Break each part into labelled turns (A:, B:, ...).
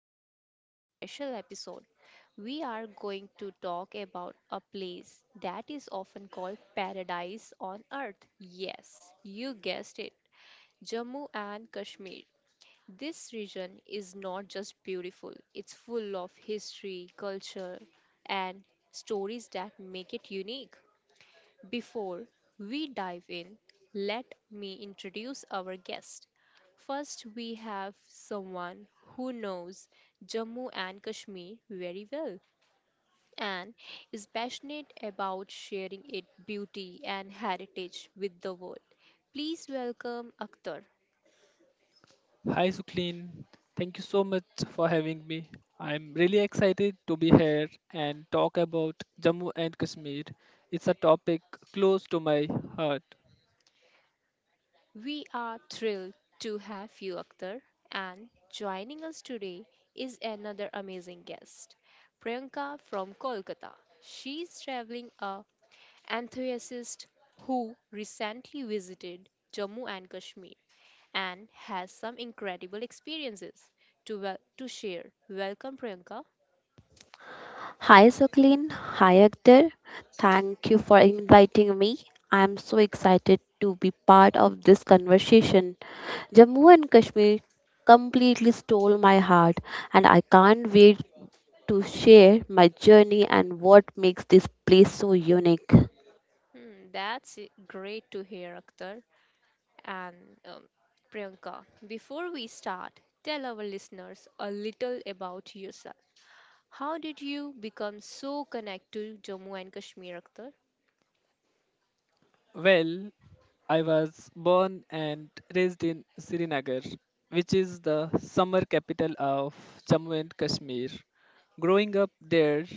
A: we have a very special episode. We are going to talk about a place that is often called paradise on earth. Yes, you guessed it, Jammu and Kashmir. This region is not just beautiful, it's full of history, culture, and stories that make it unique. Before we dive in, let me introduce our guest. First, we have someone who knows Jammu and Kashmir very well and is passionate about sharing its beauty and heritage with the world. Please welcome Akhtar.
B: Hi Suklin, thank you so much for having me. I'm really excited to be here and talk about Jammu and Kashmir. It's a topic close to my heart.
A: We are thrilled to have you, Akhtar, and joining us today is another amazing guest, Priyanka from Kolkata. She's traveling a enthusiast who recently visited Jammu and Kashmir and has some incredible experiences to, to share. Welcome, Priyanka.
C: Hi Jacqueline, hi Akhtar. Thank you for inviting me. I am so excited to be part of this conversation. Jammu and Kashmir completely stole my heart, and I can't wait to share my journey and what makes this place so unique.
A: Hmm, that's great to hear, Akhtar. And um, Priyanka, before we start, tell our listeners a little about yourself. How did you become so connected to Jammu and Kashmir, Akhtar?
B: Well, I was born and raised in Srinagar, which is the summer capital of Jammu and Kashmir. Growing up there,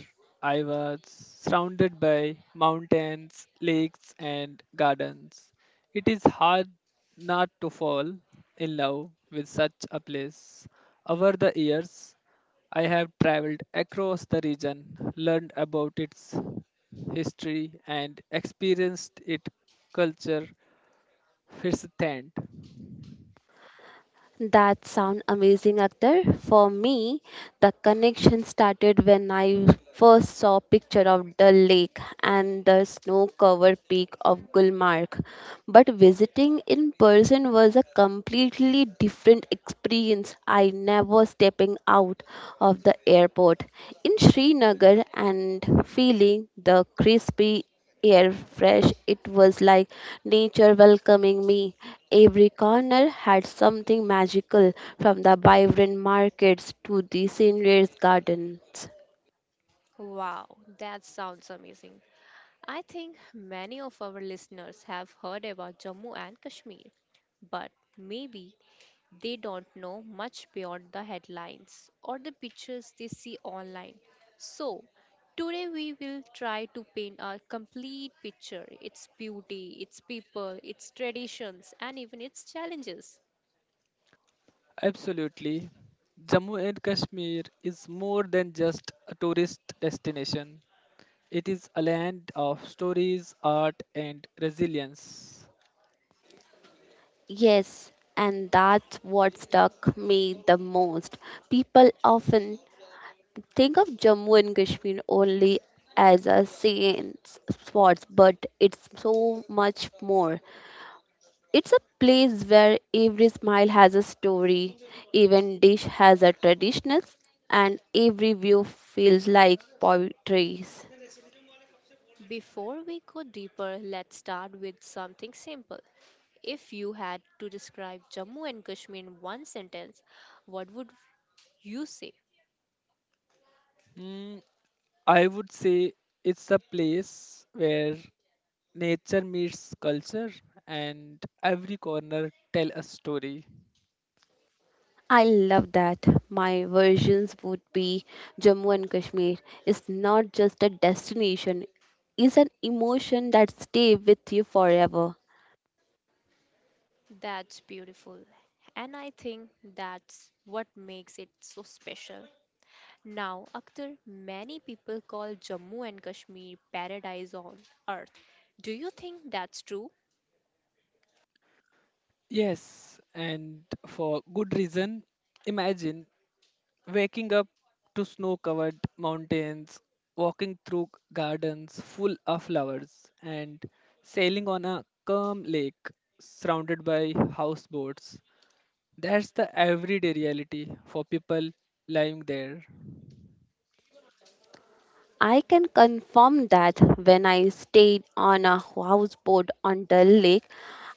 B: I was surrounded by mountains, lakes, and gardens. It is hard not to fall in love with such a place. Over the years, I have traveled across the region, learned about its history, and experienced its culture. It's a
C: That sounds amazing, Akhtar. For me, the connection started when I first saw picture of Dal Lake and the snow covered peak of Gulmarg. But visiting in person was a completely different experience. I never stepping out of the airport in Srinagar and feeling the crispy air fresh it was like nature welcoming me every corner had something magical from the vibrant markets to the scenery gardens.
A: Wow, that sounds amazing. I think many of our listeners have heard about Jammu and Kashmir, but maybe they don't know much beyond the headlines or the pictures they see online. So, today we will try to paint a complete picture its beauty, its people, its traditions, and even its challenges.
B: Absolutely. Jammu and Kashmir is more than just a tourist destination. It is a land of stories, art, and resilience.
C: Yes, and that's what stuck me the most. People often think of Jammu and Kashmir only as a scene spot, but it's so much more. It's a place where every smile has a story, even dish has a tradition, and every view feels like poetry.
A: Before we go deeper, let's start with something simple. If you had to describe Jammu and Kashmir in one sentence, what would you say?
B: Hmm, I would say it's a place where nature meets culture and every corner tell a story.
C: I love that. My versions would be Jammu and Kashmir is not just a destination, it's an emotion that stays with you forever.
A: That's beautiful, and I think that's what makes it so special. Now, Akhtar, many people call Jammu and Kashmir paradise on earth. Do you think that's true?
B: Yes, and for good reason. Imagine waking up to snow covered mountains, walking through gardens full of flowers, and sailing on a calm lake surrounded by houseboats. That's the everyday reality for people lying there.
C: I can confirm that when I stayed on a houseboat on Dal Lake,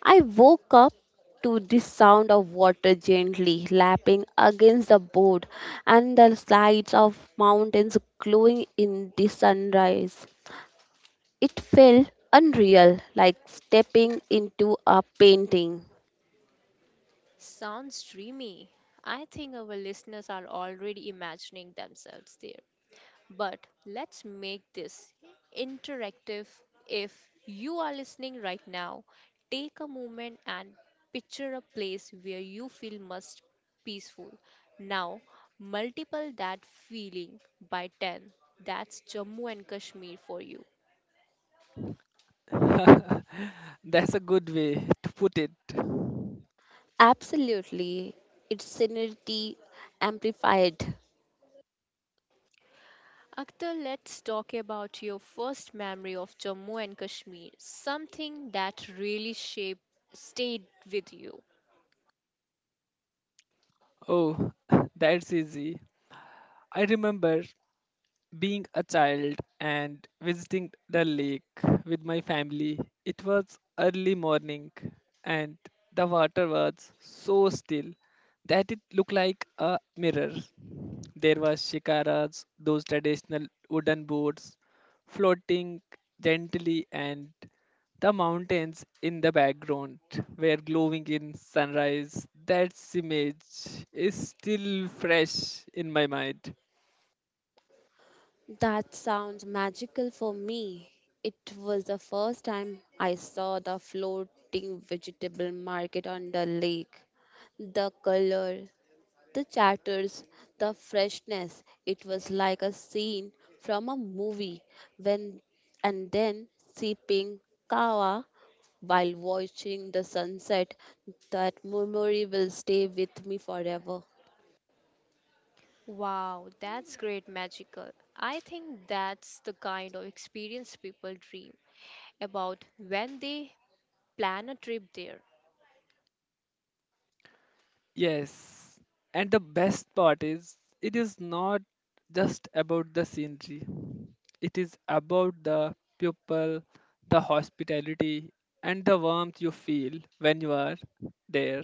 C: I woke up to the sound of water gently lapping against the board and the sides of mountains glowing in the sunrise. It felt unreal, like stepping into a painting.
A: Sounds dreamy. I think our listeners are already imagining themselves there. But let's make this interactive. If you are listening right now, take a moment and picture a place where you feel most peaceful. Now, multiple that feeling by 10. That's Jammu and Kashmir for you.
B: That's a good way to put it.
C: Absolutely, its scenery amplified.
A: Akhtar, let's talk about your first memory of Jammu and Kashmir, something that really shaped stayed with you.
B: Oh, that's easy. I remember being a child and visiting the lake with my family. It was early morning and the water was so still that it looked like a mirror. There were shikaras, those traditional wooden boats floating gently, and the mountains in the background were glowing in sunrise. That image is still fresh in my mind.
C: That sounds magical for me. It was the first time I saw the floating vegetable market on the lake. The color, the chatters, the freshness, it was like a scene from a movie when and then sipping kawa while watching the sunset, that memory will stay with me forever.
A: Wow, that's great magical. I think that's the kind of experience people dream about when they plan a trip there.
B: Yes, and the best part is it is not just about the scenery, it is about the people, the hospitality, and the warmth you feel when you are there.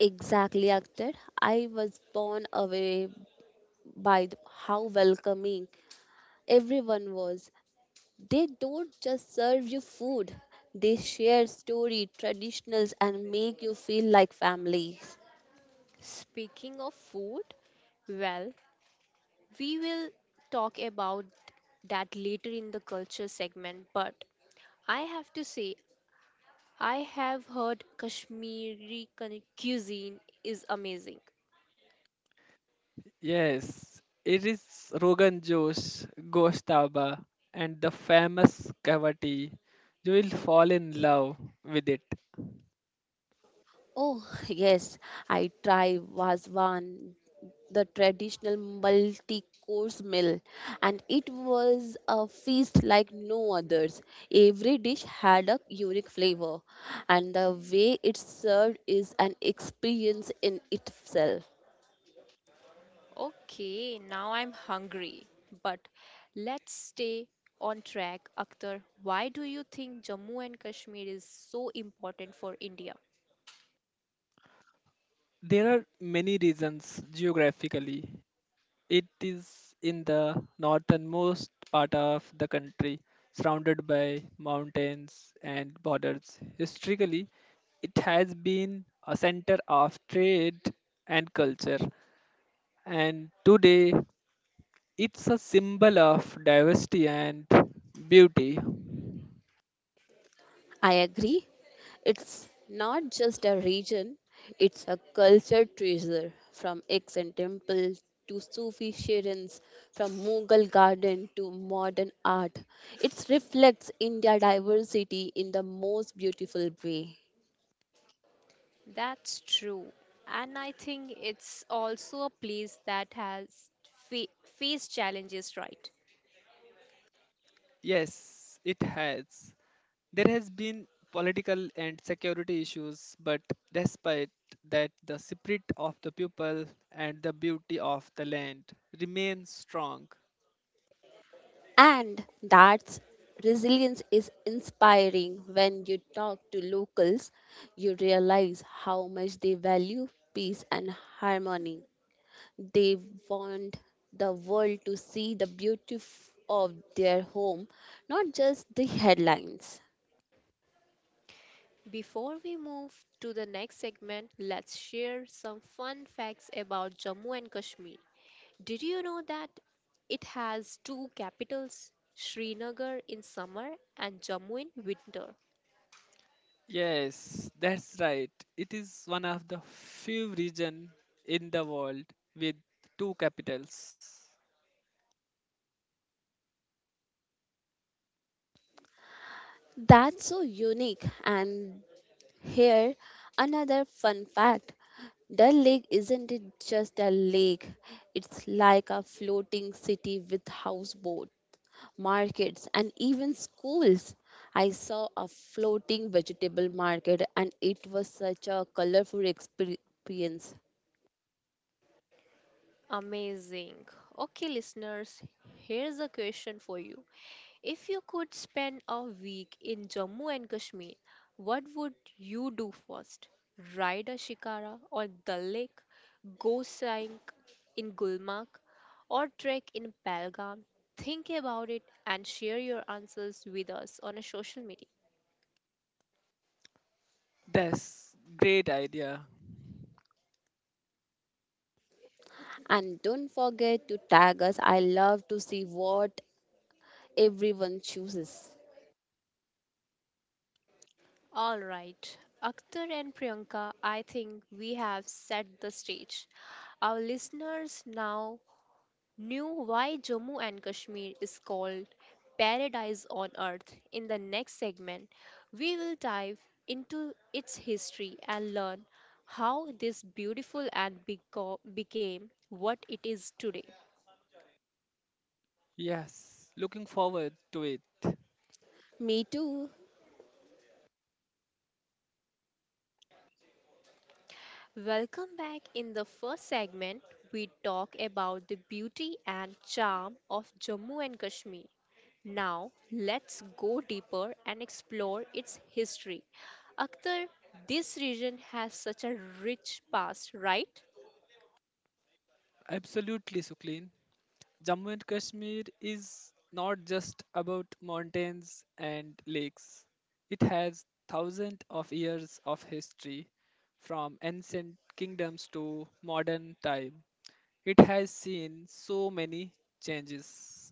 C: Exactly, acted. I was blown away by how welcoming everyone was. They don't just serve you food; they share story, traditionals, and make you feel like family.
A: Speaking of food, well, we will talk about that later in the culture segment, but I have to say, I have heard Kashmiri cuisine is amazing.
B: Yes, it is Rogan Josh, Ghosh Taba, and the famous cavity. You will fall in love with it.
C: Oh, yes, I try Vazwan, the traditional multi course meal, and it was a feast like no others. Every dish had a unique flavor, and the way it's served is an experience in itself.
A: Okay, now I'm hungry. But let's stay on track, Akhtar. Why do you think Jammu and Kashmir is so important for India?
B: There are many reasons. Geographically, it is in the northernmost part of the country, surrounded by mountains and borders. Historically, it has been a center of trade and culture, and today it's a symbol of diversity and beauty.
C: I agree. It's not just a region, it's a culture treasure from ancient temples to Sufi shrines, from Mughal garden to modern art. It reflects India's diversity in the most beautiful way.
A: That's true. And I think it's also a place that has fa- faced challenges, right?
B: Yes, it has. There has been political and security issues, but despite that, the spirit of the people and the beauty of the land remain strong.
C: And that's resilience is inspiring. When you talk to locals, you realize how much they value peace and harmony. They want the world to see the beauty of their home, not just the headlines.
A: Before we move to the next segment, let's share some fun facts about Jammu and Kashmir. Did you know that it has two capitals, Srinagar in summer and Jammu in winter?
B: Yes, that's right. It is one of the few regions in the world with two capitals.
C: That's so unique. And here, another fun fact: Dal Lake isn't it just a lake? It's like a floating city with houseboats, markets, and even schools. I saw a floating vegetable market and it was such a colorful experience.
A: Amazing. Okay, listeners, here's a question for you. If you could spend a week in Jammu and Kashmir, what would you do first? Ride a shikara on Dal Lake, go sightseeing in Gulmarg, or trek in Pahalgam? Think about it and share your answers with us on a social media.
B: That's great idea.
C: And don't forget to tag us. I love to see what everyone chooses.
A: All right, Akhtar and Priyanka, I think we have set the stage. Our listeners now knew why Jammu and Kashmir is called Paradise on Earth. In the next segment, we will dive into its history and learn how this beautiful and became what it is today.
B: Yes, looking forward to it.
C: Me too.
A: Welcome back. In the first segment, we talk about the beauty and charm of Jammu and Kashmir. Now, let's go deeper and explore its history. Akhtar, this region has such a rich past, right?
B: Absolutely, Suklin. Jammu and Kashmir is not just about mountains and lakes. It has thousands of years of history, from ancient kingdoms to modern time. It has seen so many changes.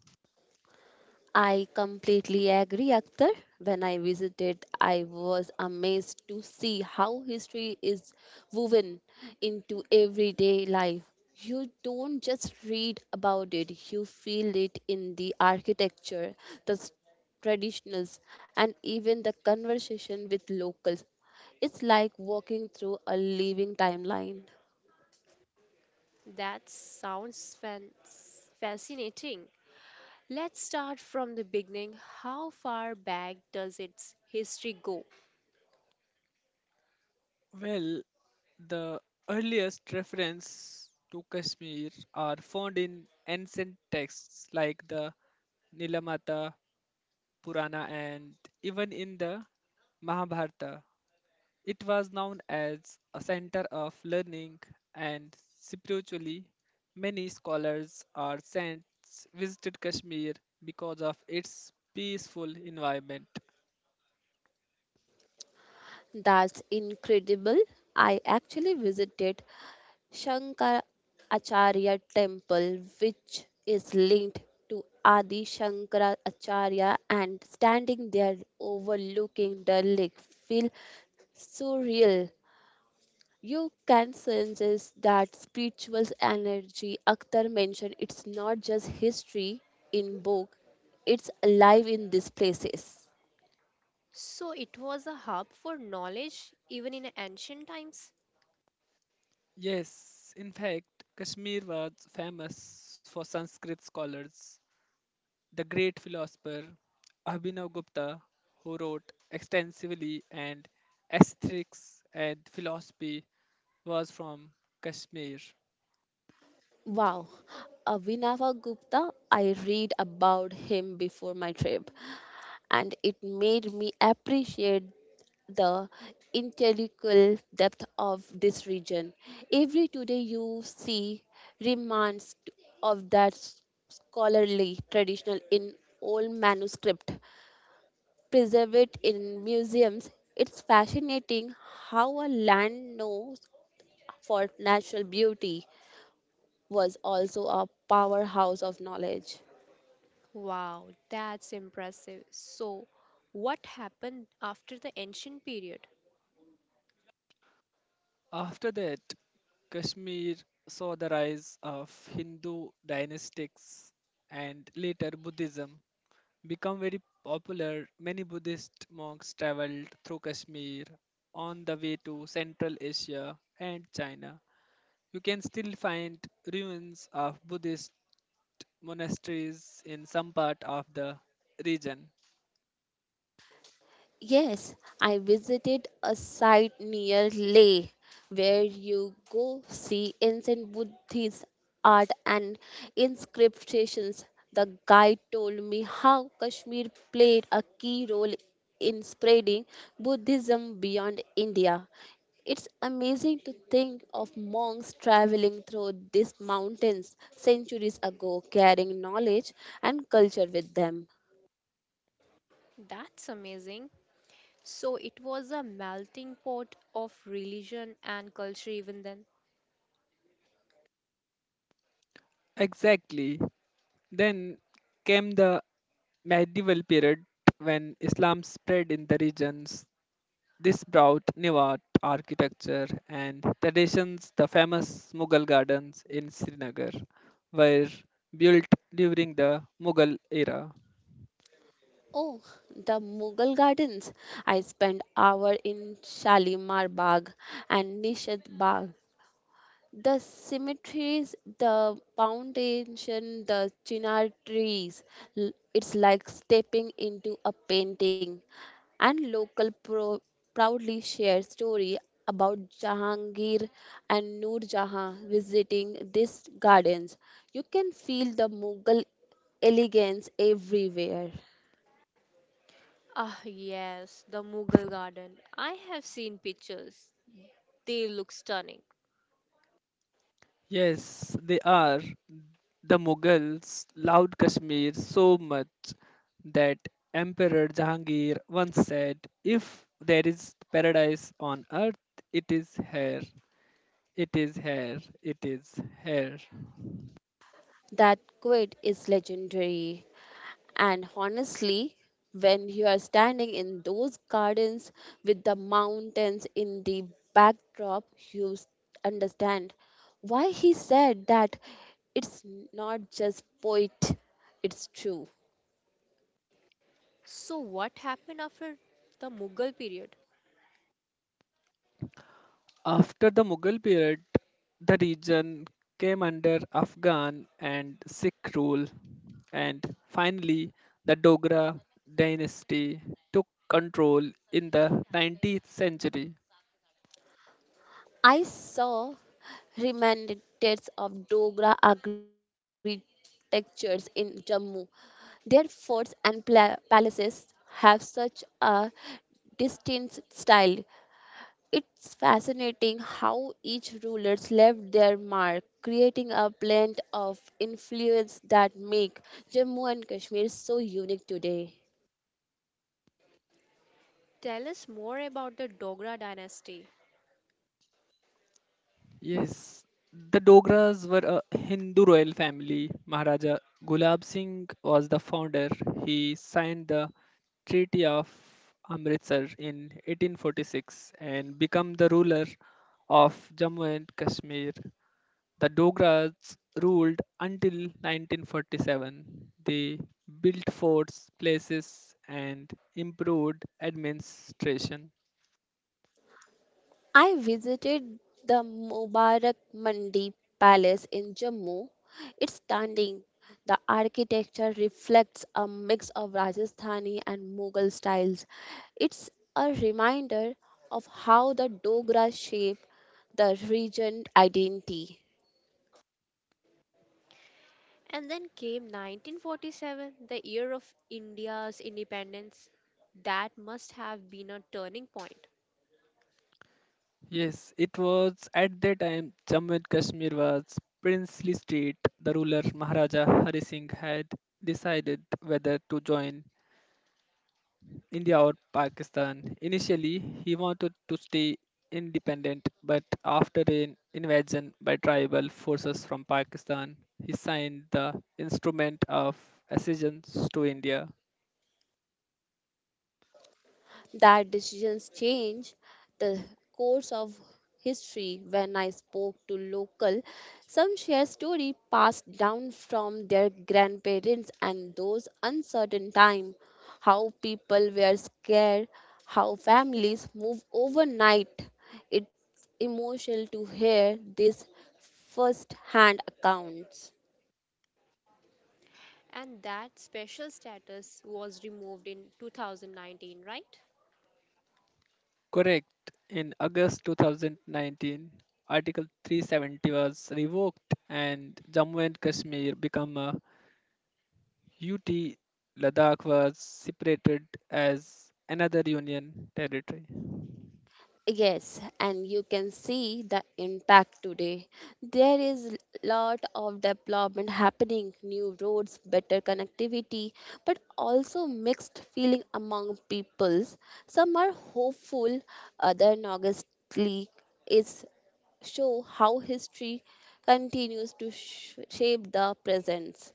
C: I completely agree, Akhtar. When I visited, I was amazed to see how history is woven into everyday life. You don't just read about it, you feel it in the architecture, the traditions, and even the conversation with locals. It's like walking through a living timeline.
A: That sounds fascinating. Let's start from the beginning. How far back does its history go?
B: Well, the earliest reference to Kashmir are found in ancient texts like the Nilamata Purana and even in the Mahabharata. It was known as a center of learning and spiritually many scholars or saints visited Kashmir because of its peaceful environment.
C: That's incredible. I actually visited Shankaracharya temple which is linked to Adi Shankaracharya, and standing there overlooking the lake feel surreal. You can sense that spiritual energy Akhtar mentioned. It's not just history in book, it's alive in these places.
A: So, it was a hub for knowledge even in ancient times?
B: Yes, in fact, Kashmir was famous for Sanskrit scholars. The great philosopher Abhinav Gupta, who wrote extensively and aesthetics and philosophy, was from Kashmir.
C: Wow, Avinava Gupta, I read about him before my trip, and it made me appreciate the intellectual depth of this region. Every today you see remnants of that scholarly tradition in old manuscript, preserved in museums. It's fascinating how a land knows for natural beauty was also a powerhouse of knowledge.
A: Wow, that's impressive. So, what happened after the ancient period?
B: After that, Kashmir saw the rise of Hindu dynastics and later Buddhism become very popular. Many Buddhist monks traveled through Kashmir on the way to Central Asia and China. You can still find ruins of Buddhist monasteries in some part of the region.
C: Yes, I visited a site near Leh where you go see ancient Buddhist art and inscriptions. The guide told me how Kashmir played a key role in spreading Buddhism beyond India. It's amazing to think of monks traveling through these mountains centuries ago, carrying knowledge and culture with them.
A: That's amazing. So it was a melting pot of religion and culture even then.
B: Exactly. Then came the medieval period when Islam spread in the regions. This brought new art, architecture, and traditions. The famous Mughal gardens in Srinagar were built during the Mughal era.
C: Oh, the Mughal gardens. I spent hour in Shalimar Bagh and Nishad Bagh. The cemeteries, the foundation, the chinar trees. It's like stepping into a painting. And local proudly share story about Jahangir and Noor Jahan visiting these gardens. You can feel the Mughal elegance everywhere.
A: Ah, yes, the Mughal garden. I have seen pictures. They look stunning.
B: Yes, they are. The Mughals loved Kashmir so much that Emperor Jahangir once said, "If there is paradise on earth, it is here, it is here, it is here."
C: That quid is legendary. And honestly, when you are standing in those gardens with the mountains in the backdrop, you understand why he said that. It's not just poet, it's true.
A: So what happened after the Mughal period?
B: After the Mughal period, the region came under Afghan and Sikh rule, and finally, the Dogra dynasty took control in the 19th century.
C: I saw remnants of Dogra architectures in Jammu. Their forts and palaces have such a distinct style. It's fascinating how each rulers left their mark, creating a blend of influence that make Jammu and Kashmir so unique today.
A: Tell us more about the Dogra dynasty.
B: Yes, the Dogras were a Hindu royal family. Maharaja Gulab Singh was the founder. He signed the Treaty of Amritsar in 1846 and became the ruler of Jammu and Kashmir. The Dogra's ruled until 1947. They built forts, places, and improved administration.
C: I visited the Mubarak Mandi Palace in Jammu. It's stunning. The architecture reflects a mix of Rajasthani and Mughal styles. It's a reminder of how the Dogra shape the region identity.
A: And then came 1947, the year of India's independence. That must have been a turning point.
B: Yes, it was at that time Jammu and Kashmir was princely state. The ruler Maharaja Hari Singh had decided whether to join India or Pakistan. Initially, he wanted to stay independent, but after an invasion by tribal forces from Pakistan, he signed the Instrument of Accessions to India.
C: That decisions change the course of history. When I spoke to local, some share story passed down from their grandparents and those uncertain time, how people were scared, how families move overnight. It's emotional to hear these first hand accounts.
A: And that special status was removed in 2019, right?
B: Correct. In August 2019, Article 370 was revoked and Jammu and Kashmir became a UT. Ladakh was separated as another union territory.
C: Yes, and you can see the impact today. There is lot of development happening, new roads, better connectivity, but also mixed feeling among peoples. Some are hopeful, other negatively. Is show how history continues to shape the present.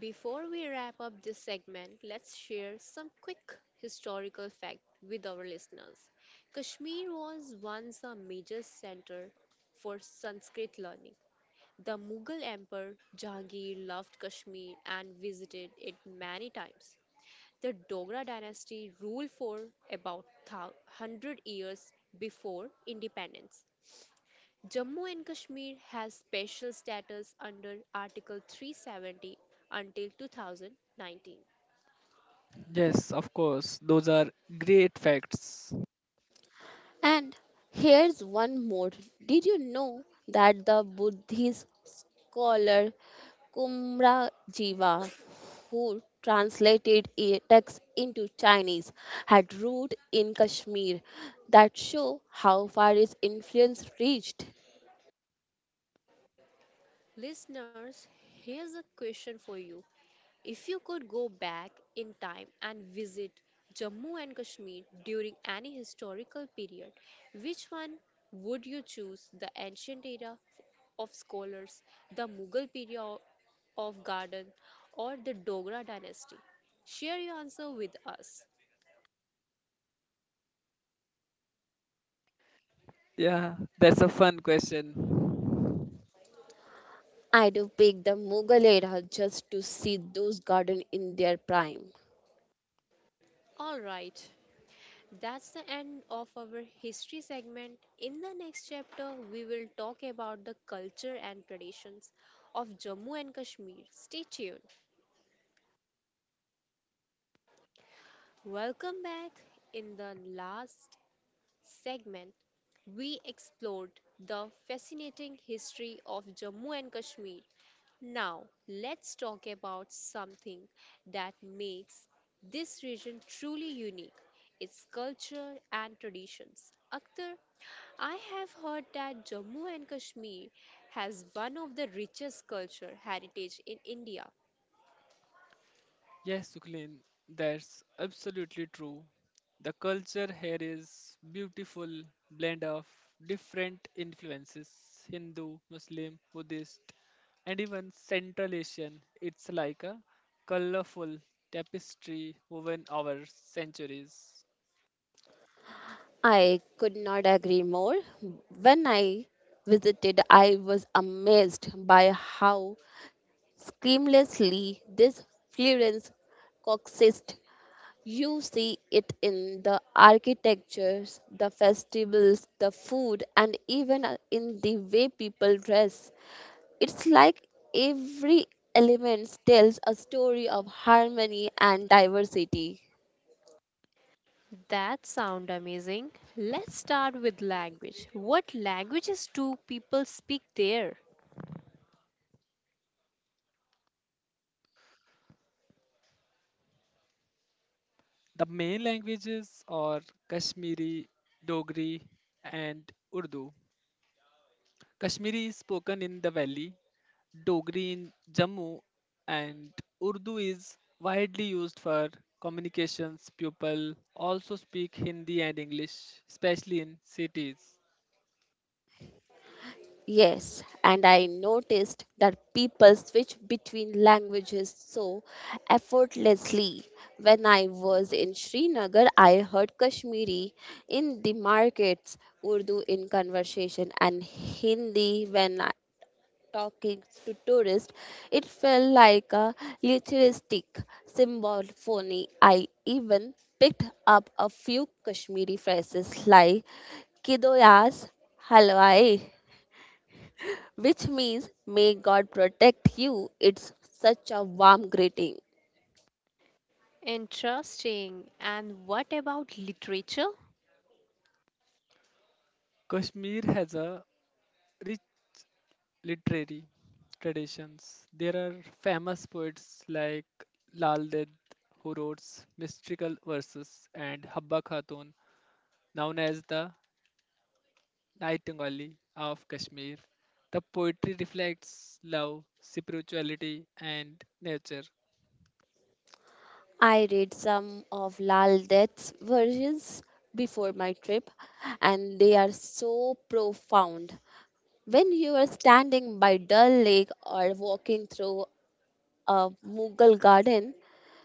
A: Before we wrap up this segment, let's share some quick historical fact with our listeners. Kashmir was once a major center for Sanskrit learning. The Mughal Emperor Jahangir loved Kashmir and visited it many times. The Dogra dynasty ruled for about 100 years before independence. Jammu and Kashmir has special status under Article 370 until 2019.
B: Yes, of course. Those are great facts.
C: And here's one more. Did you know that the Buddhist scholar Kumra Jiva, who translated a text into Chinese, had root in Kashmir that show how far his influence reached?
A: Listeners, here's a question for you. If you could go back in time and visit Jammu and Kashmir during any historical period, which one would you choose? The ancient era of scholars, the Mughal period of garden, or the Dogra dynasty? Share your answer with us.
B: Yeah, that's a fun question.
C: I'd have picked the Mughal era just to see those gardens in their prime.
A: All right, that's the end of our history segment. In the next chapter, we will talk about the culture and traditions of Jammu and Kashmir. Stay tuned. Welcome back. In the last segment, we explored the fascinating history of Jammu and Kashmir. Now, let's talk about something that makes this region truly unique its culture and traditions. Akhtar, I have heard that Jammu and Kashmir has one of the richest culture heritage in India.
B: Yes, Suklin, that's absolutely true. The culture here is beautiful blend of different influences, Hindu, Muslim, Buddhist, and even Central Asian. It's like a colorful tapestry woven over centuries.
C: I could not agree more. When I visited, I was amazed by how seamlessly, this fluence coexists. You see it in the architectures, the festivals, the food, and even in the way people dress. It's like every element tells a story of harmony and diversity.
A: That sound amazing. Let's start with language. What languages do people speak there?
B: The main languages are Kashmiri, Dogri, and Urdu. Kashmiri is spoken in the valley, Dogri in Jammu, and Urdu is widely used for communications. People also speak Hindi and English, especially in cities.
C: Yes, and I noticed that people switch between languages so effortlessly. When I was in Srinagar, I heard Kashmiri in the markets, Urdu in conversation, and Hindi when talking to tourists. It felt like a literaristic symphony. I even picked up a few Kashmiri phrases like Kido Yas Halwai, which means may God protect you. It's such a warm greeting.
A: Interesting. And what about literature?
B: Kashmir has a rich literary traditions. There are famous poets like Lal Ded, who wrote mystical verses, and Habba Khatun, known as the Nightingale of Kashmir. The poetry reflects love, spirituality, and nature.
C: I read some of Lal Deth's versions before my trip, and they are so profound. When you are standing by Dal Lake or walking through a Mughal garden,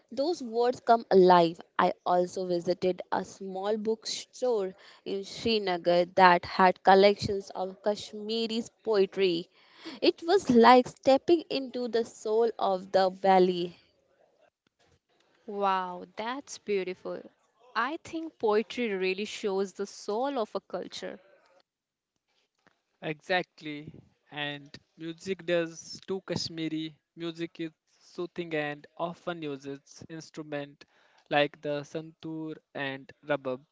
C: those words come alive. I also visited a small bookstore in Srinagar that had collections of Kashmiri poetry. It was like stepping into the soul of the valley.
A: Wow, that's beautiful. I think poetry really shows the soul of a culture.
B: Exactly. And music does too. Kashmiri music is soothing and often uses instruments like the santoor and rabab.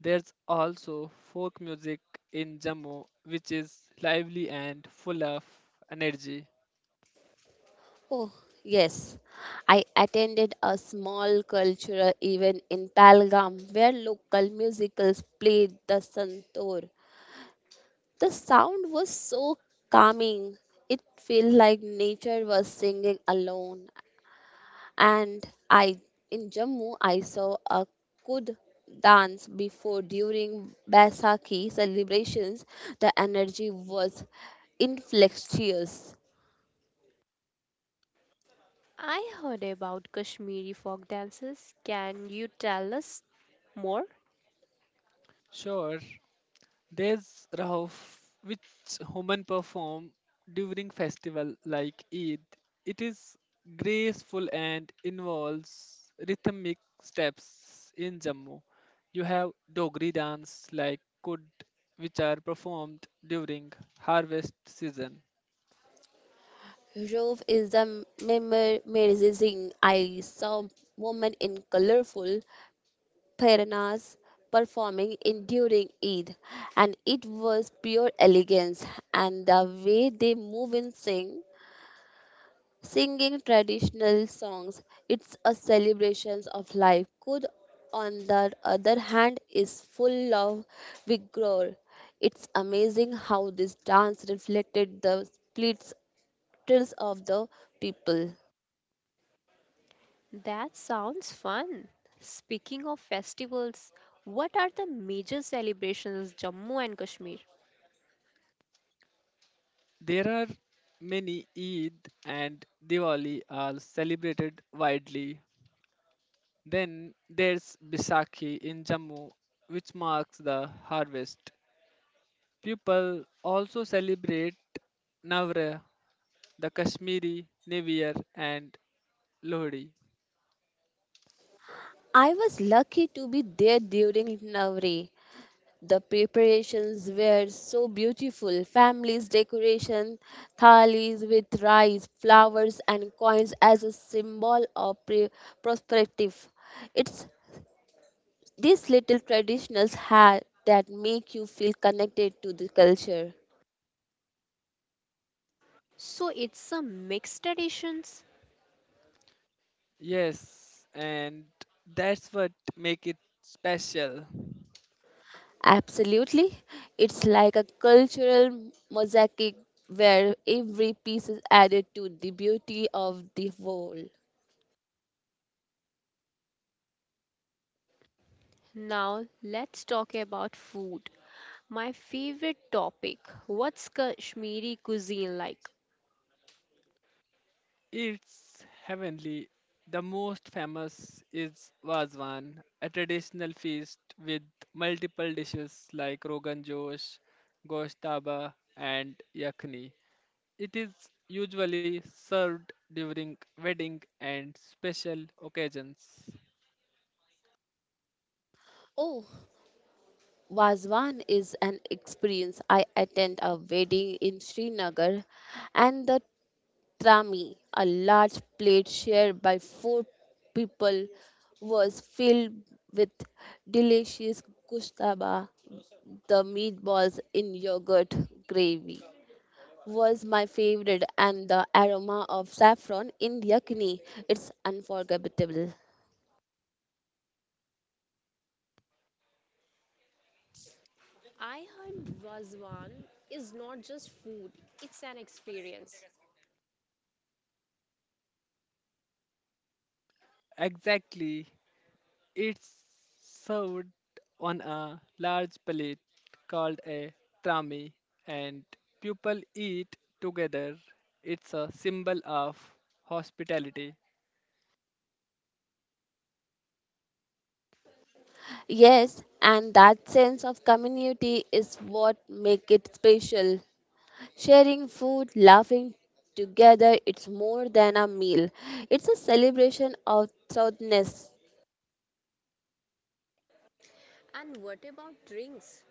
B: There's also folk music in Jammu which is lively and full of energy.
C: Oh, yes. I attended a small cultural event in Palgam where local musicals played the Santoor. The sound was so calming. It felt like nature was singing alone, and I in Jammu I saw a Kud dance before during Baisakhi celebrations. The energy was infectious.
A: I heard about Kashmiri folk dances. Can you tell us more?
B: Sure, there's Rahof, which women perform during festival like Eid. It is graceful and involves rhythmic steps. In Jammu, you have Dogri dance like Kud, which are performed during harvest season.
C: Rove is the memorizing. I saw women in colorful paranas performing in during Eid, and it was pure elegance. And the way they move and sing singing traditional songs. It's a celebration of life. Could, on the other hand, is full of vigor. It's amazing how this dance reflected the splits of the people.
A: That sounds fun. Speaking of festivals, what are the major celebrations in Jammu and Kashmir?
B: There are many. Eid and Diwali are celebrated widely. Then there's Bisakhi in Jammu, which marks the harvest. People also celebrate Navra, the Kashmiri New Year, and Lohri.
C: I was lucky to be there during Navratri. The preparations were so beautiful. Families decoration thalis with rice, flowers, and coins as a symbol of prosperity. It's these little traditions that make you feel connected to the culture.
A: So it's a mixed traditions.
B: Yes, and that's what make it special.
C: Absolutely. It's like a cultural mosaic where every piece is added to the beauty of the whole.
A: Now let's talk about food. My favorite topic. What's Kashmiri cuisine like?
B: It's heavenly. The most famous is Vazwan, a traditional feast with multiple dishes like Rogan Josh, Gosh Taba, and Yakhni. It is usually served during wedding and special occasions.
C: Oh, Vazwan is an experience. I attend a wedding in Srinagar and the trami, a large plate shared by four people, was filled with delicious kushtaba. The meatballs in yogurt gravy was my favorite and the aroma of saffron in yakni. It's unforgettable.
A: I heard Vazwan is not just food, it's an experience.
B: Exactly. It's served on a large plate called a trami and people eat together. It's a symbol of hospitality.
C: Yes, and that sense of community is what make it special. Sharing food, laughing together, it's more than a meal. It's a celebration of thoughtness.
A: And what about drinks?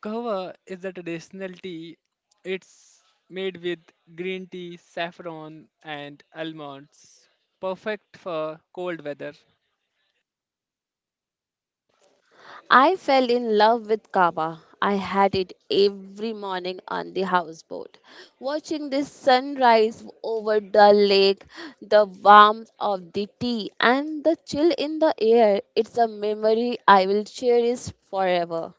B: Kahwa is the traditional tea. It's made with green tea, saffron, and almonds. Perfect for cold weather.
C: I fell in love with kava. I had it every morning on the houseboat. Watching the sunrise over the lake, the warmth of the tea, and the chill in the air, it's a memory I will cherish forever.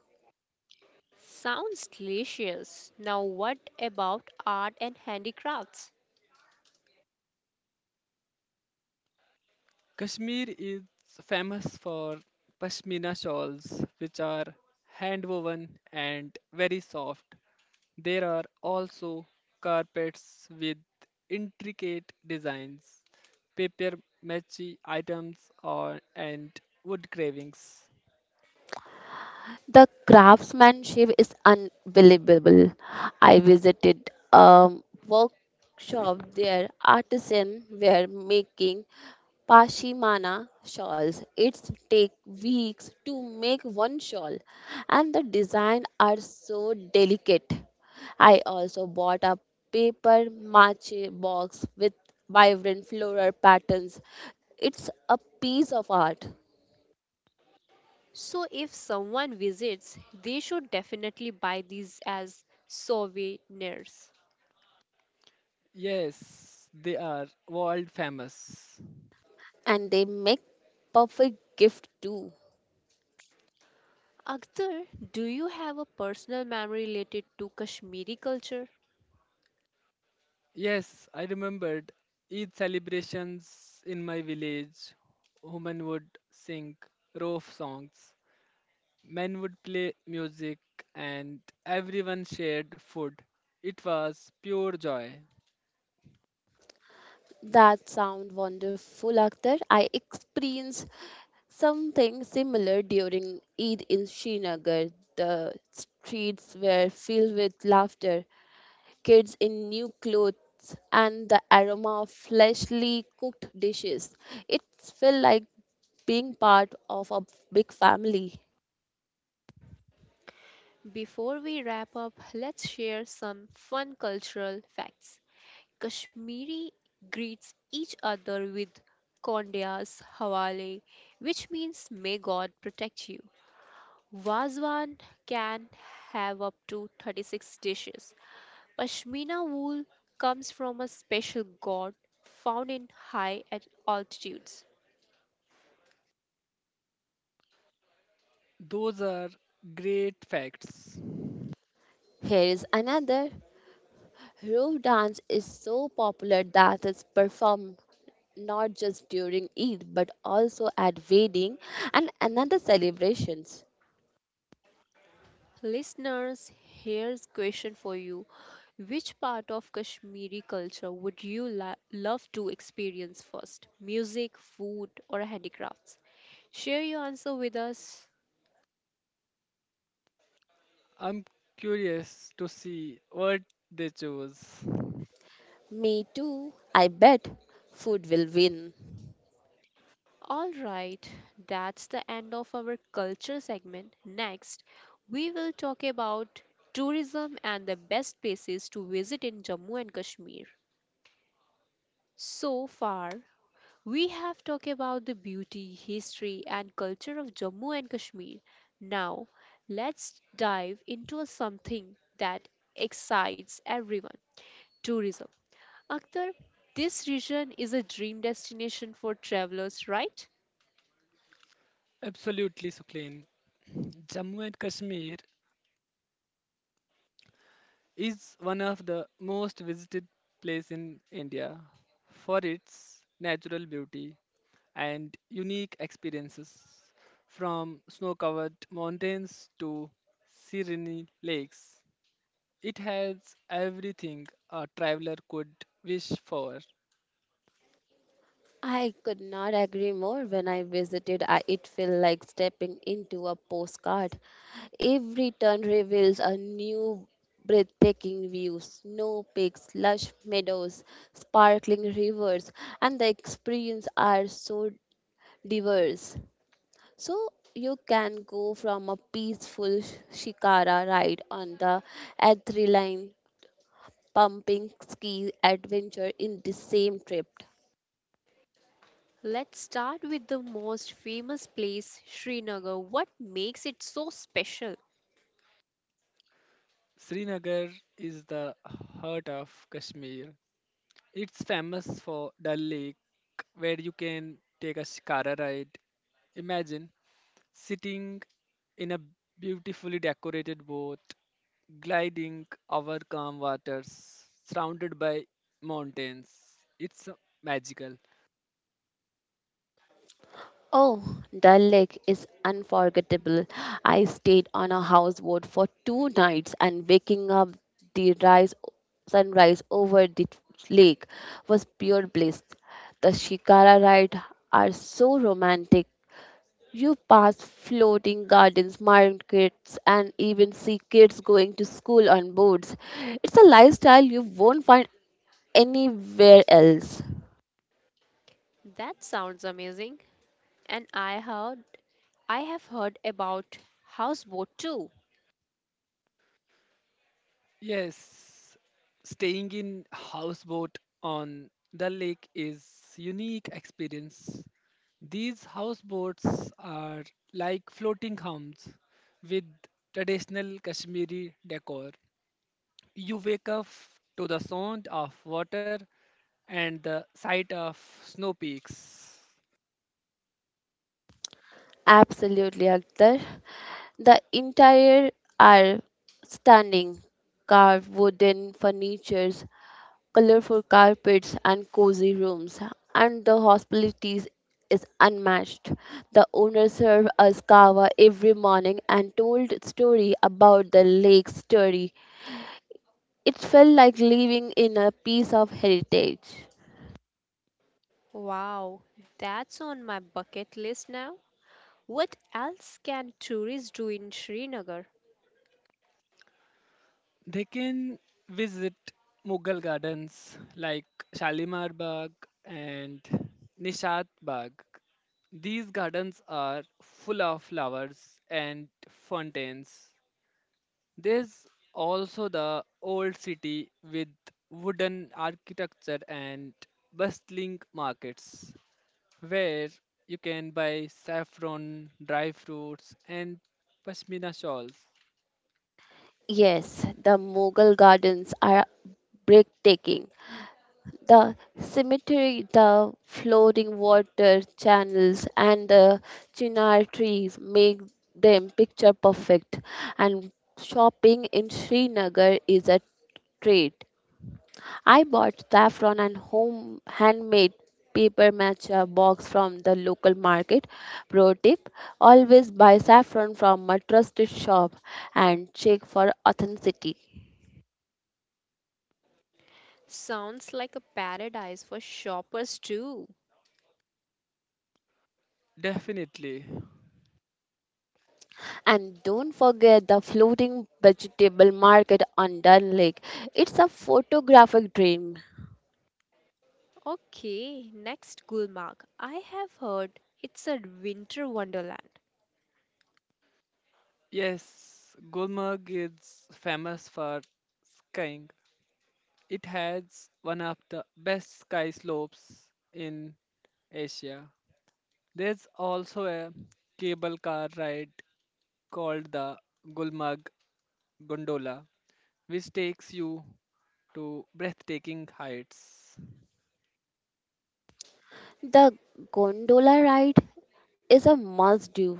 A: Sounds delicious. Now, what about art and handicrafts?
B: Kashmir is famous for pashmina shawls, which are hand woven and very soft. There are also carpets with intricate designs, paper mache items, or, and wood carvings.
C: The craftsmanship is unbelievable. I visited a workshop there. Artisans were making pashimana shawls. It takes weeks to make one shawl, and the design are so delicate. I also bought a paper mache box with vibrant floral patterns. It's a piece of art,
A: So if someone visits, they should definitely buy these as souvenirs.
B: Yes, they are world famous.
C: and they make perfect gift too.
A: Akhtar, do you have a personal memory related to Kashmiri culture?
B: Yes, I remembered Eid celebrations in my village. Women would sing roof songs, men would play music, and everyone shared food. It was pure joy.
C: That sound wonderful, Akhtar. I experienced something similar during Eid in Srinagar. The streets were filled with laughter, kids in new clothes, and the aroma of freshly cooked dishes. It felt like being part of a big family.
A: Before we wrap up, let's share some fun cultural facts. Kashmiri greets each other with Kondia's Hawale, which means may God protect you. Wazwan can have up to 36 dishes, Pashmina wool comes from a special god found in high at altitudes.
B: Those are great facts.
C: Here is another. Rope dance is so popular that it's performed not just during Eid but also at wedding and another celebrations.
A: Listeners, here's question for you. Which part of Kashmiri culture would you love to experience first? Music, food, or handicrafts? Share your answer with us.
B: I'm curious to see what they chose.
C: Me too, I bet food will win.
A: All right, that's the end of our culture segment. Next, we will talk about tourism and the best places to visit in Jammu and Kashmir. So far, we have talked about the beauty, history, and culture of Jammu and Kashmir. Now, let's dive into something that excites everyone tourism. Akhtar, this region is a dream destination for travelers, right?
B: Absolutely, Sukleen. Jammu and Kashmir is one of the most visited place in India for its natural beauty and unique experiences, from snow-covered mountains to serene lakes. It has everything a traveler could wish for.
C: I could not agree more. When I visited, it felt like stepping into a postcard. Every turn reveals a new breathtaking view snow peaks, lush meadows, sparkling rivers, and the experience are so diverse. So you can go from a peaceful shikara ride on the adrenaline pumping ski adventure in the same trip.
A: Let's start with the most famous place, Srinagar. What makes it so special?
B: Srinagar is the heart of Kashmir. It's famous for Dal Lake, where you can take a shikara ride. Imagine sitting in a beautifully decorated boat, gliding over calm waters, surrounded by mountains. It's magical.
C: Oh, the lake is unforgettable. I stayed on a houseboat for two nights, and waking up the rise sunrise over the lake was pure bliss. The shikara ride are so romantic. You pass floating gardens, markets, and even see kids going to school on boats. It's a lifestyle you won't find anywhere else.
A: That sounds amazing. And I have heard about houseboat too.
B: Yes, staying in houseboat on the lake is unique experience. These houseboats are like floating homes with traditional Kashmiri decor. You wake up to the sound of water and the sight of snow peaks.
C: Absolutely, Akhtar. The entire are standing carved wooden furnitures, colorful carpets and cozy rooms, and the hospitality is unmatched. The owner served us kava every morning and told story about the lake's story. It felt like living in a piece of heritage.
A: Wow, that's on my bucket list now. What else can tourists do in Srinagar?
B: They can visit Mughal gardens like Shalimar Bagh and Nishat Bagh. These gardens are full of flowers and fountains. There's also the old city with wooden architecture and bustling markets where you can buy saffron, dry fruits, and pashmina shawls.
C: Yes, the Mughal gardens are breathtaking. The cemetery, the floating water channels, and the chinar trees make them picture perfect. And shopping in Srinagar is a treat. I bought saffron and home handmade paper matcha box from the local market. Pro tip: always buy saffron from a trusted shop and check for authenticity.
A: Sounds like a paradise for shoppers too.
B: Definitely.
C: And don't forget the floating vegetable market on Dun Lake. It's a photographic dream.
A: Okay, next Gulmarg. I have heard it's a winter wonderland.
B: Yes, Gulmarg is famous for skiing. It has one of the best ski slopes in Asia. There's also a cable car ride called the Gulmarg Gondola, which takes you to breathtaking heights.
C: The gondola ride is a must do.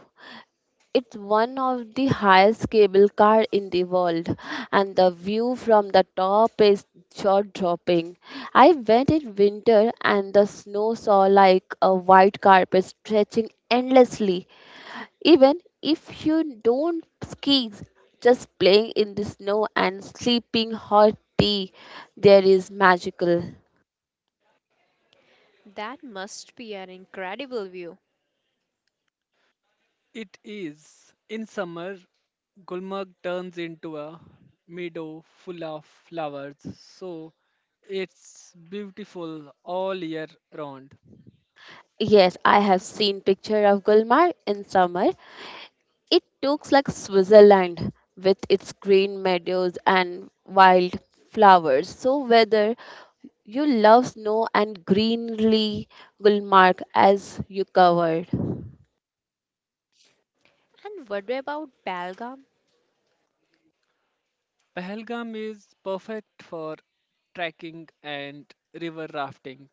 C: It's one of the highest cable car in the world, and the view from the top is jaw dropping. I went in winter, and the snow saw like a white carpet stretching endlessly. Even if you don't ski, just playing in the snow and sleeping hot tea there is magical.
A: That must be an incredible view.
B: It is. In summer Gulmarg turns into a meadow full of flowers, so it's beautiful all year round.
C: Yes, I have seen picture of Gulmar in summer. It looks like Switzerland with its green meadows and wild flowers. So whether you love snow and greenery, Gulmarg as you covered.
A: And what about Belgaum?
B: Pahalgam is perfect for trekking and river rafting.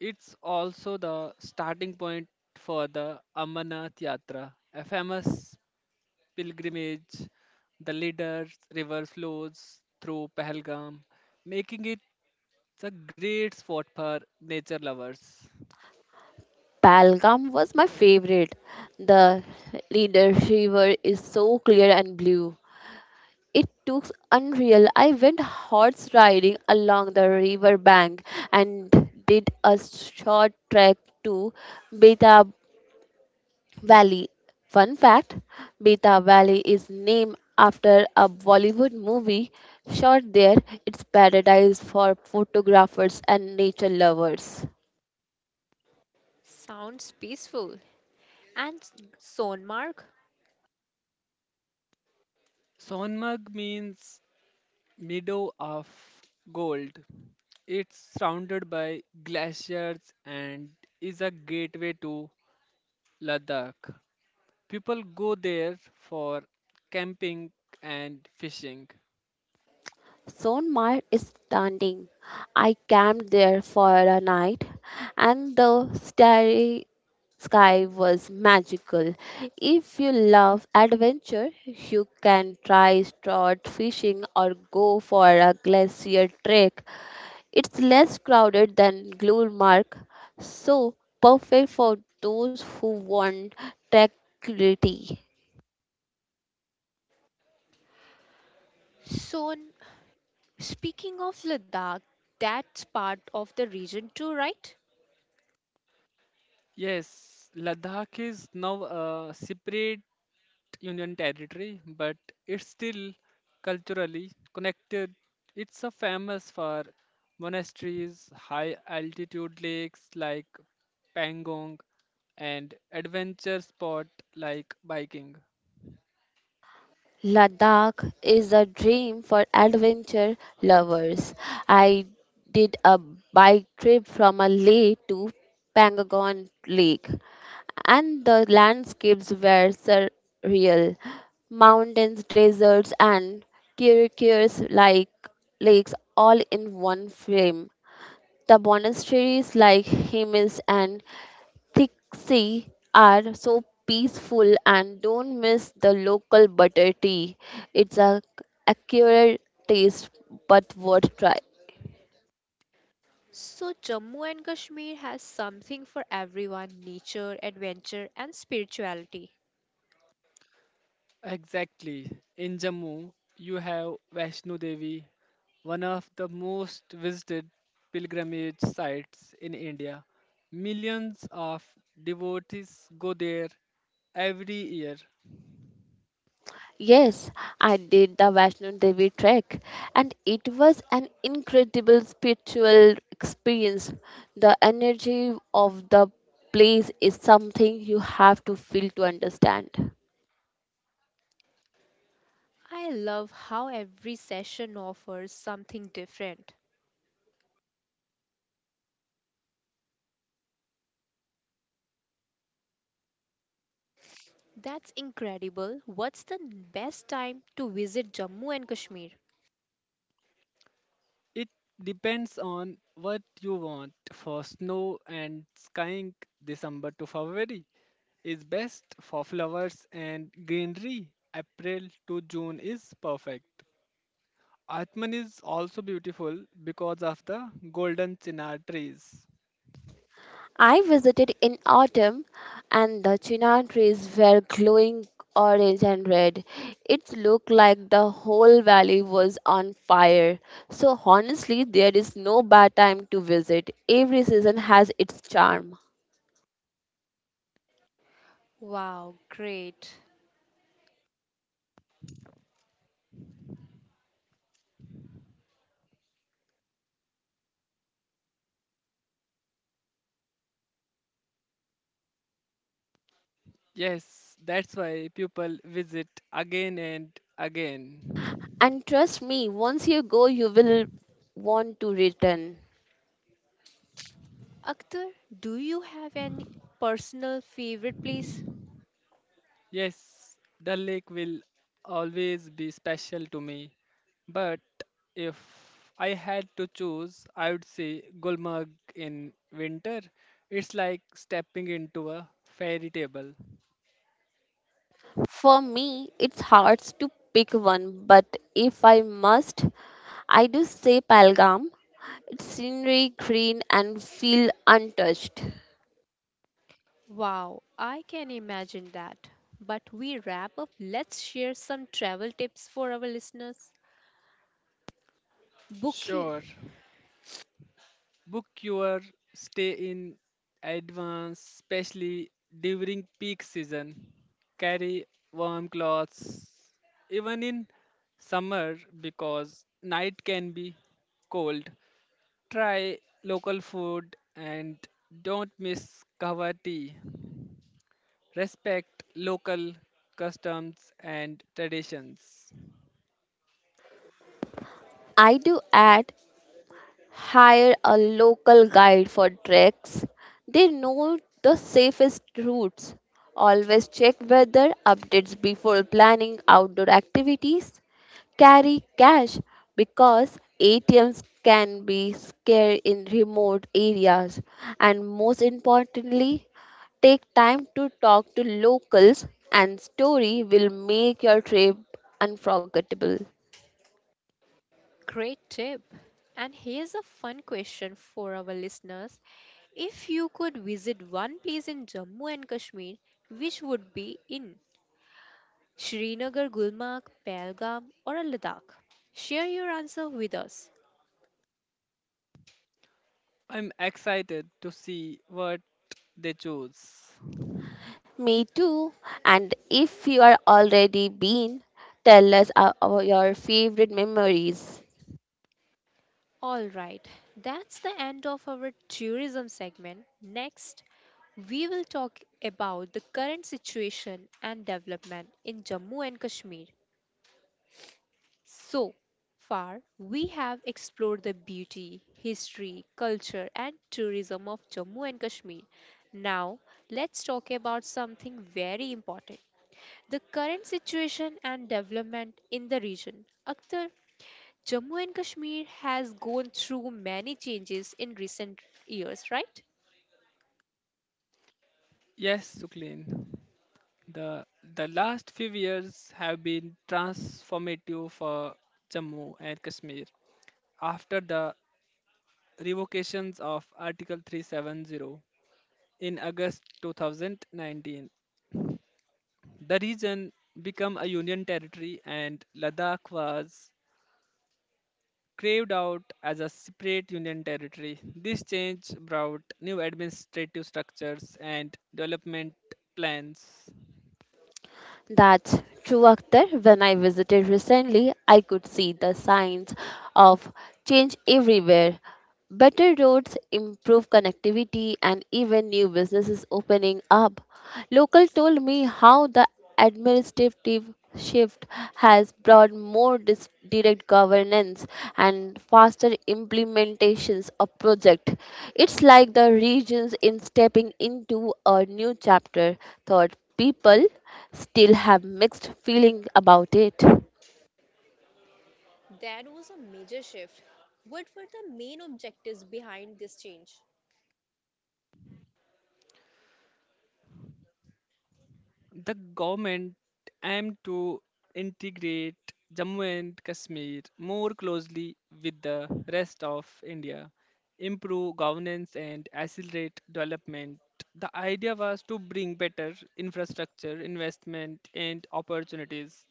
B: It's also the starting point for the Amarnath Yatra, a famous pilgrimage. The leaders river flows through Pahalgam, making it a great spot for nature lovers.
C: Palgam was my favorite. The leader shiver is so clear and blue. It looks unreal. I went horse riding along the river bank and did a short trek to Beta Valley. Fun fact: Beta Valley is named after a Bollywood movie shot there. It's paradise for photographers and nature lovers.
A: Sounds peaceful. And Sonmarg?
B: Sonmarg means meadow of gold. It's surrounded by glaciers and is a gateway to Ladakh. People go there for camping and fishing.
C: Sonmar is standing. I camped there for a night, and the starry sky was magical. If you love adventure, you can try trout fishing or go for a glacier trek. It's less crowded than Glenmark, so perfect for those who want tranquility.
A: Son, Speaking of Ladakh, that's part of the region too, right?
B: Yes, Ladakh is now a separate union territory, but it's still culturally connected. It's a famous for monasteries, high altitude lakes like Pangong, and adventure spot like biking.
C: Ladakh is a dream for adventure lovers. I did a bike trip from a Leh to Pangagon Lake, and the landscapes were surreal. Mountains, deserts, and turquoise like lakes all in one frame. The monasteries like Hemis and Thick sea are so peaceful, and don't miss the local butter tea. It's a accurate taste but worth try.
A: So, Jammu and Kashmir has something for everyone nature, adventure, and spirituality.
B: Exactly. In Jammu, you have Vaishno Devi, one of the most visited pilgrimage sites in India. Millions of devotees go there every year.
C: Yes, I did the Vaishno Devi trek, and it was an incredible spiritual experience. The energy of the place is something you have to feel to understand.
A: I love how every session offers something different. That's incredible. What's the best time to visit Jammu and Kashmir?
B: It depends on what you want. For snow and skiing, December to February is best. For flowers and greenery, April to June is perfect. Atman is also beautiful because of the golden chinar trees.
C: I visited in autumn, and the chinar trees were glowing orange and red. It looked like the whole valley was on fire. So honestly, there is no bad time to visit. Every season has its charm.
A: Wow, great.
B: Yes, that's why people visit again and again.
C: And trust me, once you go, you will want to return.
A: Akhtar, do you have any personal favorite place?
B: Yes, the lake will always be special to me, but if I had to choose, I would say Gulmarg in winter. It's like stepping into a fairy tale.
C: For me, it's hard to pick one, but if I must, I do say Palgam. It's scenery, green, and feel untouched.
A: Wow, I can imagine that. But we wrap up, let's share some travel tips for our listeners. Book,
B: Sure, book your stay in advance, especially during peak season. Carry warm clothes, even in summer, because night can be cold. Try local food and don't miss kahwa tea. Respect local customs and traditions.
C: I do add hire a local guide for treks. They know the safest routes. Always check weather updates before planning outdoor activities. Carry cash because ATMs can be scarce in remote areas. And most importantly, take time to talk to locals and story will make your trip unforgettable.
A: great tip. And here's a fun question for our listeners. If you could visit one place in Jammu and Kashmir, which would be in Srinagar, Gulmarg, Pahalgam, or Ladakh? Share your answer with us.
B: I'm excited to see what they choose.
C: Me too. And if you are already been, tell us your favorite memories.
A: All right, that's the end of our tourism segment. Next, we will talk about the current situation and development in Jammu and Kashmir. So far, we have explored the beauty, history, culture, and tourism of Jammu and Kashmir. Now, let's talk about something very important the current situation and development in the region. Akhtar, Jammu and Kashmir has gone through many changes in recent years, right?
B: Yes, Suklin. The the last few years have been transformative for Jammu and Kashmir. After the revocations of Article 370 in August 2019, the region became a union territory and Ladakh was carved out as a separate union territory. This change brought new administrative structures and development plans.
C: That's true, Akhtar. When I visited recently, I could see the signs of change everywhere. Better roads, improved connectivity, and even new businesses opening up. Local told me how the administrative shift has brought more direct governance and faster implementations of project. It's like the regions in stepping into a new chapter. Thought people still have mixed feeling about it.
A: That was a major shift. What were the main objectives behind this change?
B: The government aimed to integrate Jammu and Kashmir more closely with the rest of India, improve governance, and accelerate development. The idea was to bring better infrastructure, investment, and opportunities.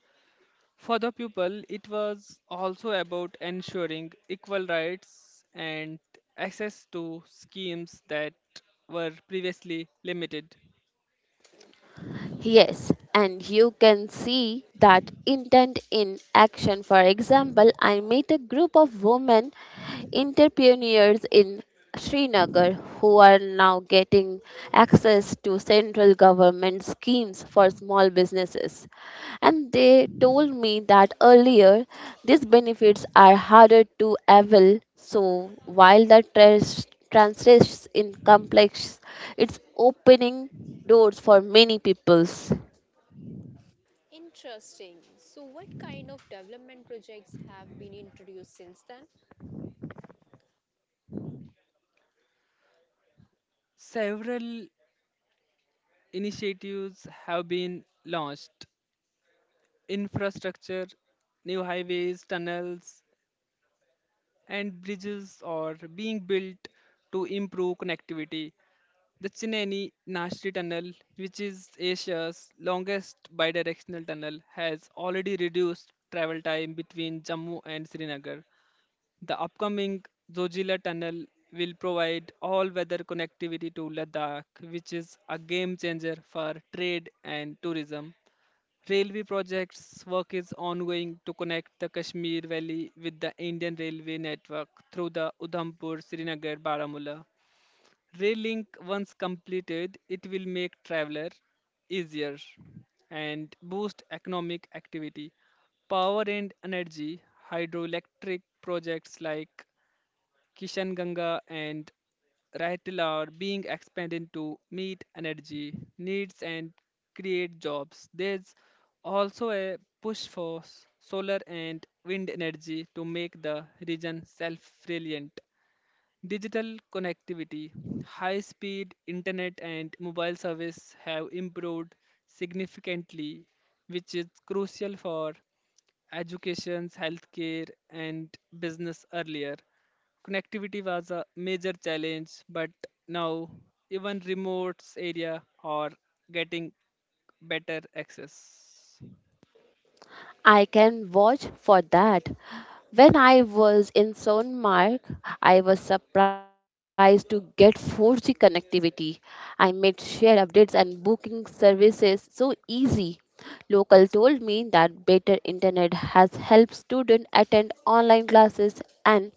B: For the people, it was also about ensuring equal rights and access to schemes that were previously limited.
C: Yes, and you can see that intent in action. For example, I met a group of women entrepreneurs in Srinagar who are now getting access to central government schemes for small businesses. And they told me that earlier these benefits are harder to avail. So while the translates in complex, it's opening doors for many peoples.
A: Interesting. So, what kind of development projects have been introduced since then?
B: Several initiatives have been launched. Infrastructure, new highways, tunnels, and bridges are being built to improve connectivity. The Chennai Nashri Tunnel, which is Asia's longest bidirectional tunnel, has already reduced travel time between Jammu and Srinagar. The upcoming Zojila Tunnel will provide all-weather connectivity to Ladakh, which is a game changer for trade and tourism. Railway projects work is ongoing to connect the Kashmir Valley with the Indian Railway network through the Udhampur Srinagar Baramulla. Rail link once completed, it will make traveler easier and boost economic activity. Power and energy hydroelectric projects like Kishanganga and Raital are being expanded to meet energy needs and create jobs. There's also a push for solar and wind energy to make the region self-reliant. Digital connectivity, high-speed internet and mobile service have improved significantly, which is crucial for education, healthcare, and business earlier. Connectivity was a major challenge, but now even remote area are getting better access.
C: I can vouch for that. When I was in Sonmark, I was surprised to get 4G connectivity. I made share updates and booking services so easy. Local told me that better internet has helped students attend online classes and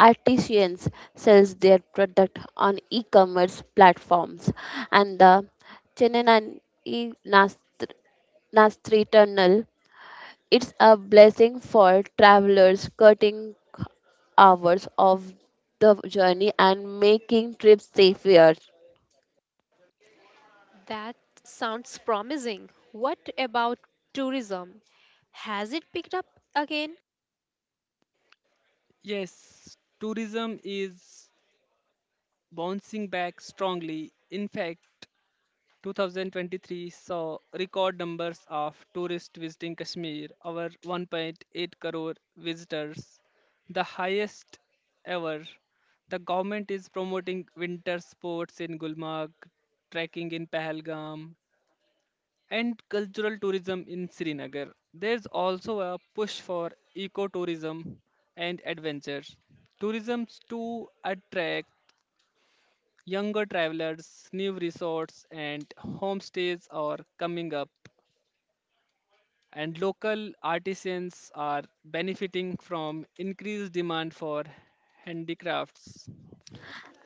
C: artisans sells their product on e-commerce platforms, and the Chennai Nastri Tunnel. It's a blessing for travelers, cutting hours of the journey and making trips safer.
A: That sounds promising. What about tourism? Has it picked up again?
B: Yes, tourism is bouncing back strongly. In fact, 2023 saw record numbers of tourists visiting Kashmir, over 1.8 crore visitors, the highest ever. The government is promoting winter sports in Gulmarg, trekking in Pahalgam, and cultural tourism in Srinagar. There's also a push for ecotourism and adventure. Tourism to attract younger travelers, new resorts, and homestays are coming up, and local artisans are benefiting from increased demand for handicrafts.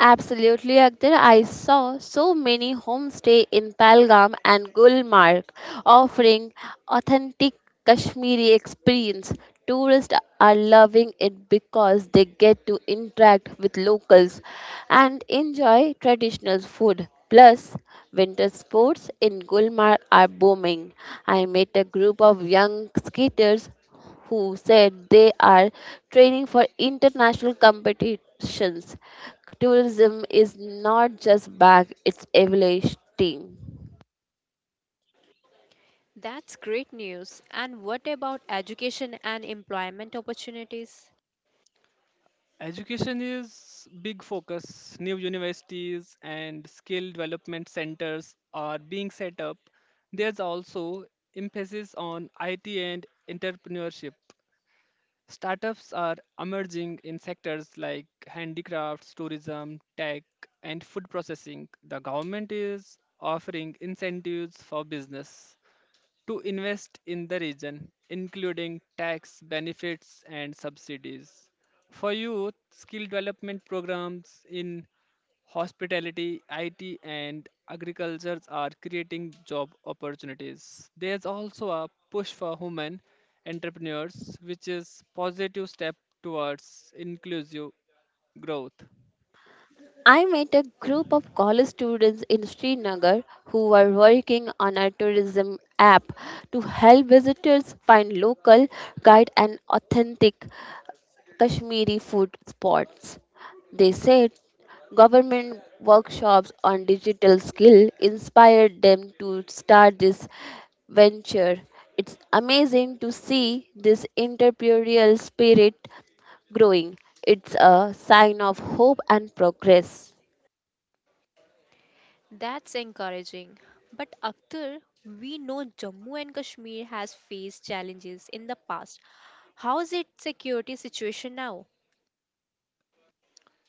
C: Absolutely, Akhtar. I saw so many homestay in Palgam and Gulmarg offering authentic Kashmiri experience. Tourists are loving it because they get to interact with locals and enjoy traditional food. Plus, winter sports in Gulmarg are booming. I met a group of young skaters who said they are training for international competitions. Tourism is not just back, it's evolutioning.
A: That's great news. And what about education and employment opportunities?
B: Education is big focus. New universities and skill development centers are being set up. There's also emphasis on IT and entrepreneurship. Startups are emerging in sectors like handicrafts, tourism, tech, and food processing. The government is offering incentives for business to invest in the region, including tax benefits and subsidies. For youth, skill development programs in hospitality, IT, and agriculture are creating job opportunities. There's also a push for women entrepreneurs, which is positive step towards inclusive growth.
C: I met a group of college students in Srinagar who were working on a tourism app to help visitors find local guide and authentic Kashmiri food spots. They said government workshops on digital skill inspired them to start this venture. It's amazing to see this entrepreneurial spirit growing. It's a sign of hope and progress.
A: That's encouraging. But Akhtar, we know Jammu and Kashmir has faced challenges in the past. How is its security situation now?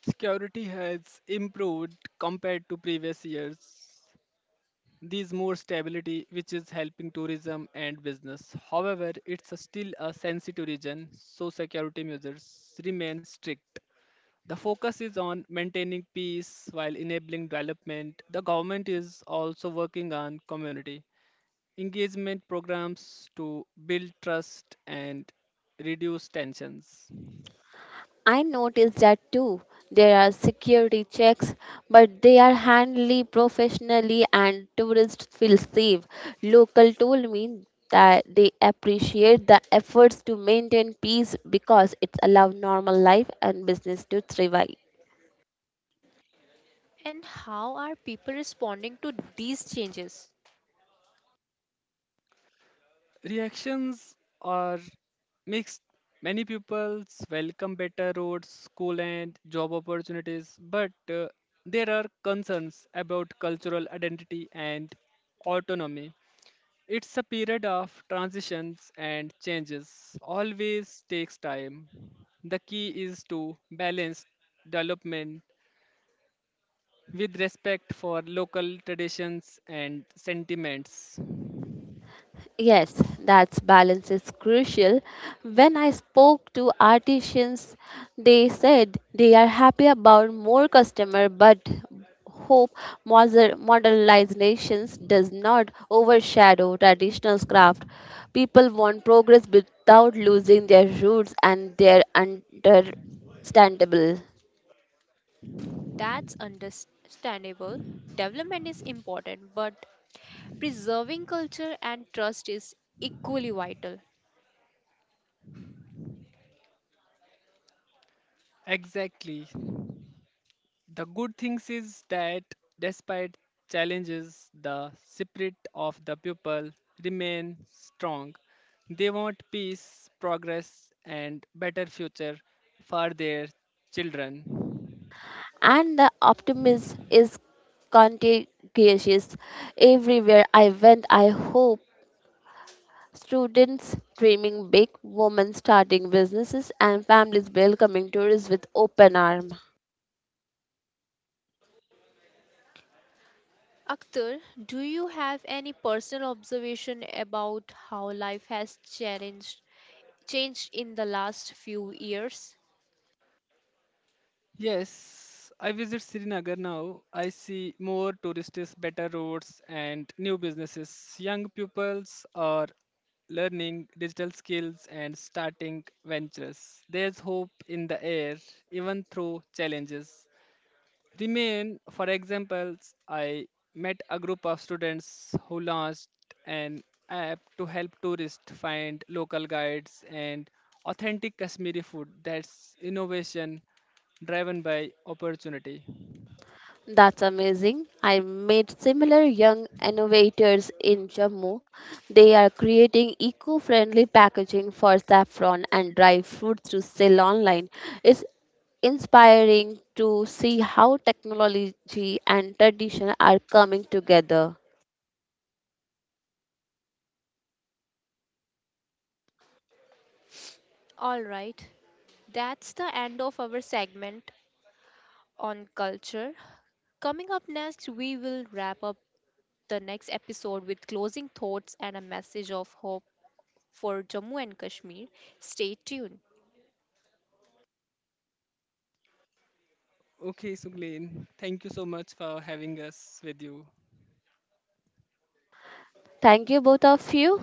B: Security has improved compared to previous years. These more stability, which is helping tourism and business. However, it's a still a sensitive region, so security measures remain strict. The focus is on maintaining peace while enabling development. The government is also working on community engagement programs to build trust and reduce tensions.
C: I noticed that too. There are security checks, but they are handled professionally and tourists feel safe. Local told me that they appreciate the efforts to maintain peace because it allows normal life and business to thrive.
A: And how are people responding to these changes?
B: Reactions are mixed. Many pupils welcome better roads, school, and job opportunities, but there are concerns about cultural identity and autonomy. It's a period of transitions and changes, always takes time. The key is to balance development with respect for local traditions and sentiments.
C: Yes, that balance is crucial. When I spoke to artisans, they said they are happy about more customer but hope modernizations does not overshadow traditional craft. People want progress without losing their roots and their understandable.
A: That's understandable. Development is important, but preserving culture and trust is equally vital.
B: Exactly. The good things is that despite challenges, the spirit of the people remain strong. They want peace, progress, and better future for their children.
C: And the optimism is contagious everywhere I went. I hope students dreaming big, women starting businesses, and families welcoming tourists with open arms.
A: Akhtar, do you have any personal observation about how life has challenged changed in the last few years?
B: Yes, I visit Srinagar now. I see more tourists, better roads, and new businesses. Young pupils are learning digital skills and starting ventures. There's hope in the air, even through challenges. Remain, for example, I met a group of students who launched an app to help tourists find local guides and authentic Kashmiri food. That's innovation driven by opportunity.
C: That's amazing. I met similar young innovators in Jammu. They are creating eco friendly packaging for saffron and dry fruits to sell online. It's inspiring to see how technology and tradition are coming together.
A: All right. That's the end of our segment on culture. Coming up next, we will wrap up the next episode with closing thoughts and a message of hope for Jammu and Kashmir. Stay tuned.
B: Okay, Suglin, thank you so much for having us with you.
C: Thank you, both of you.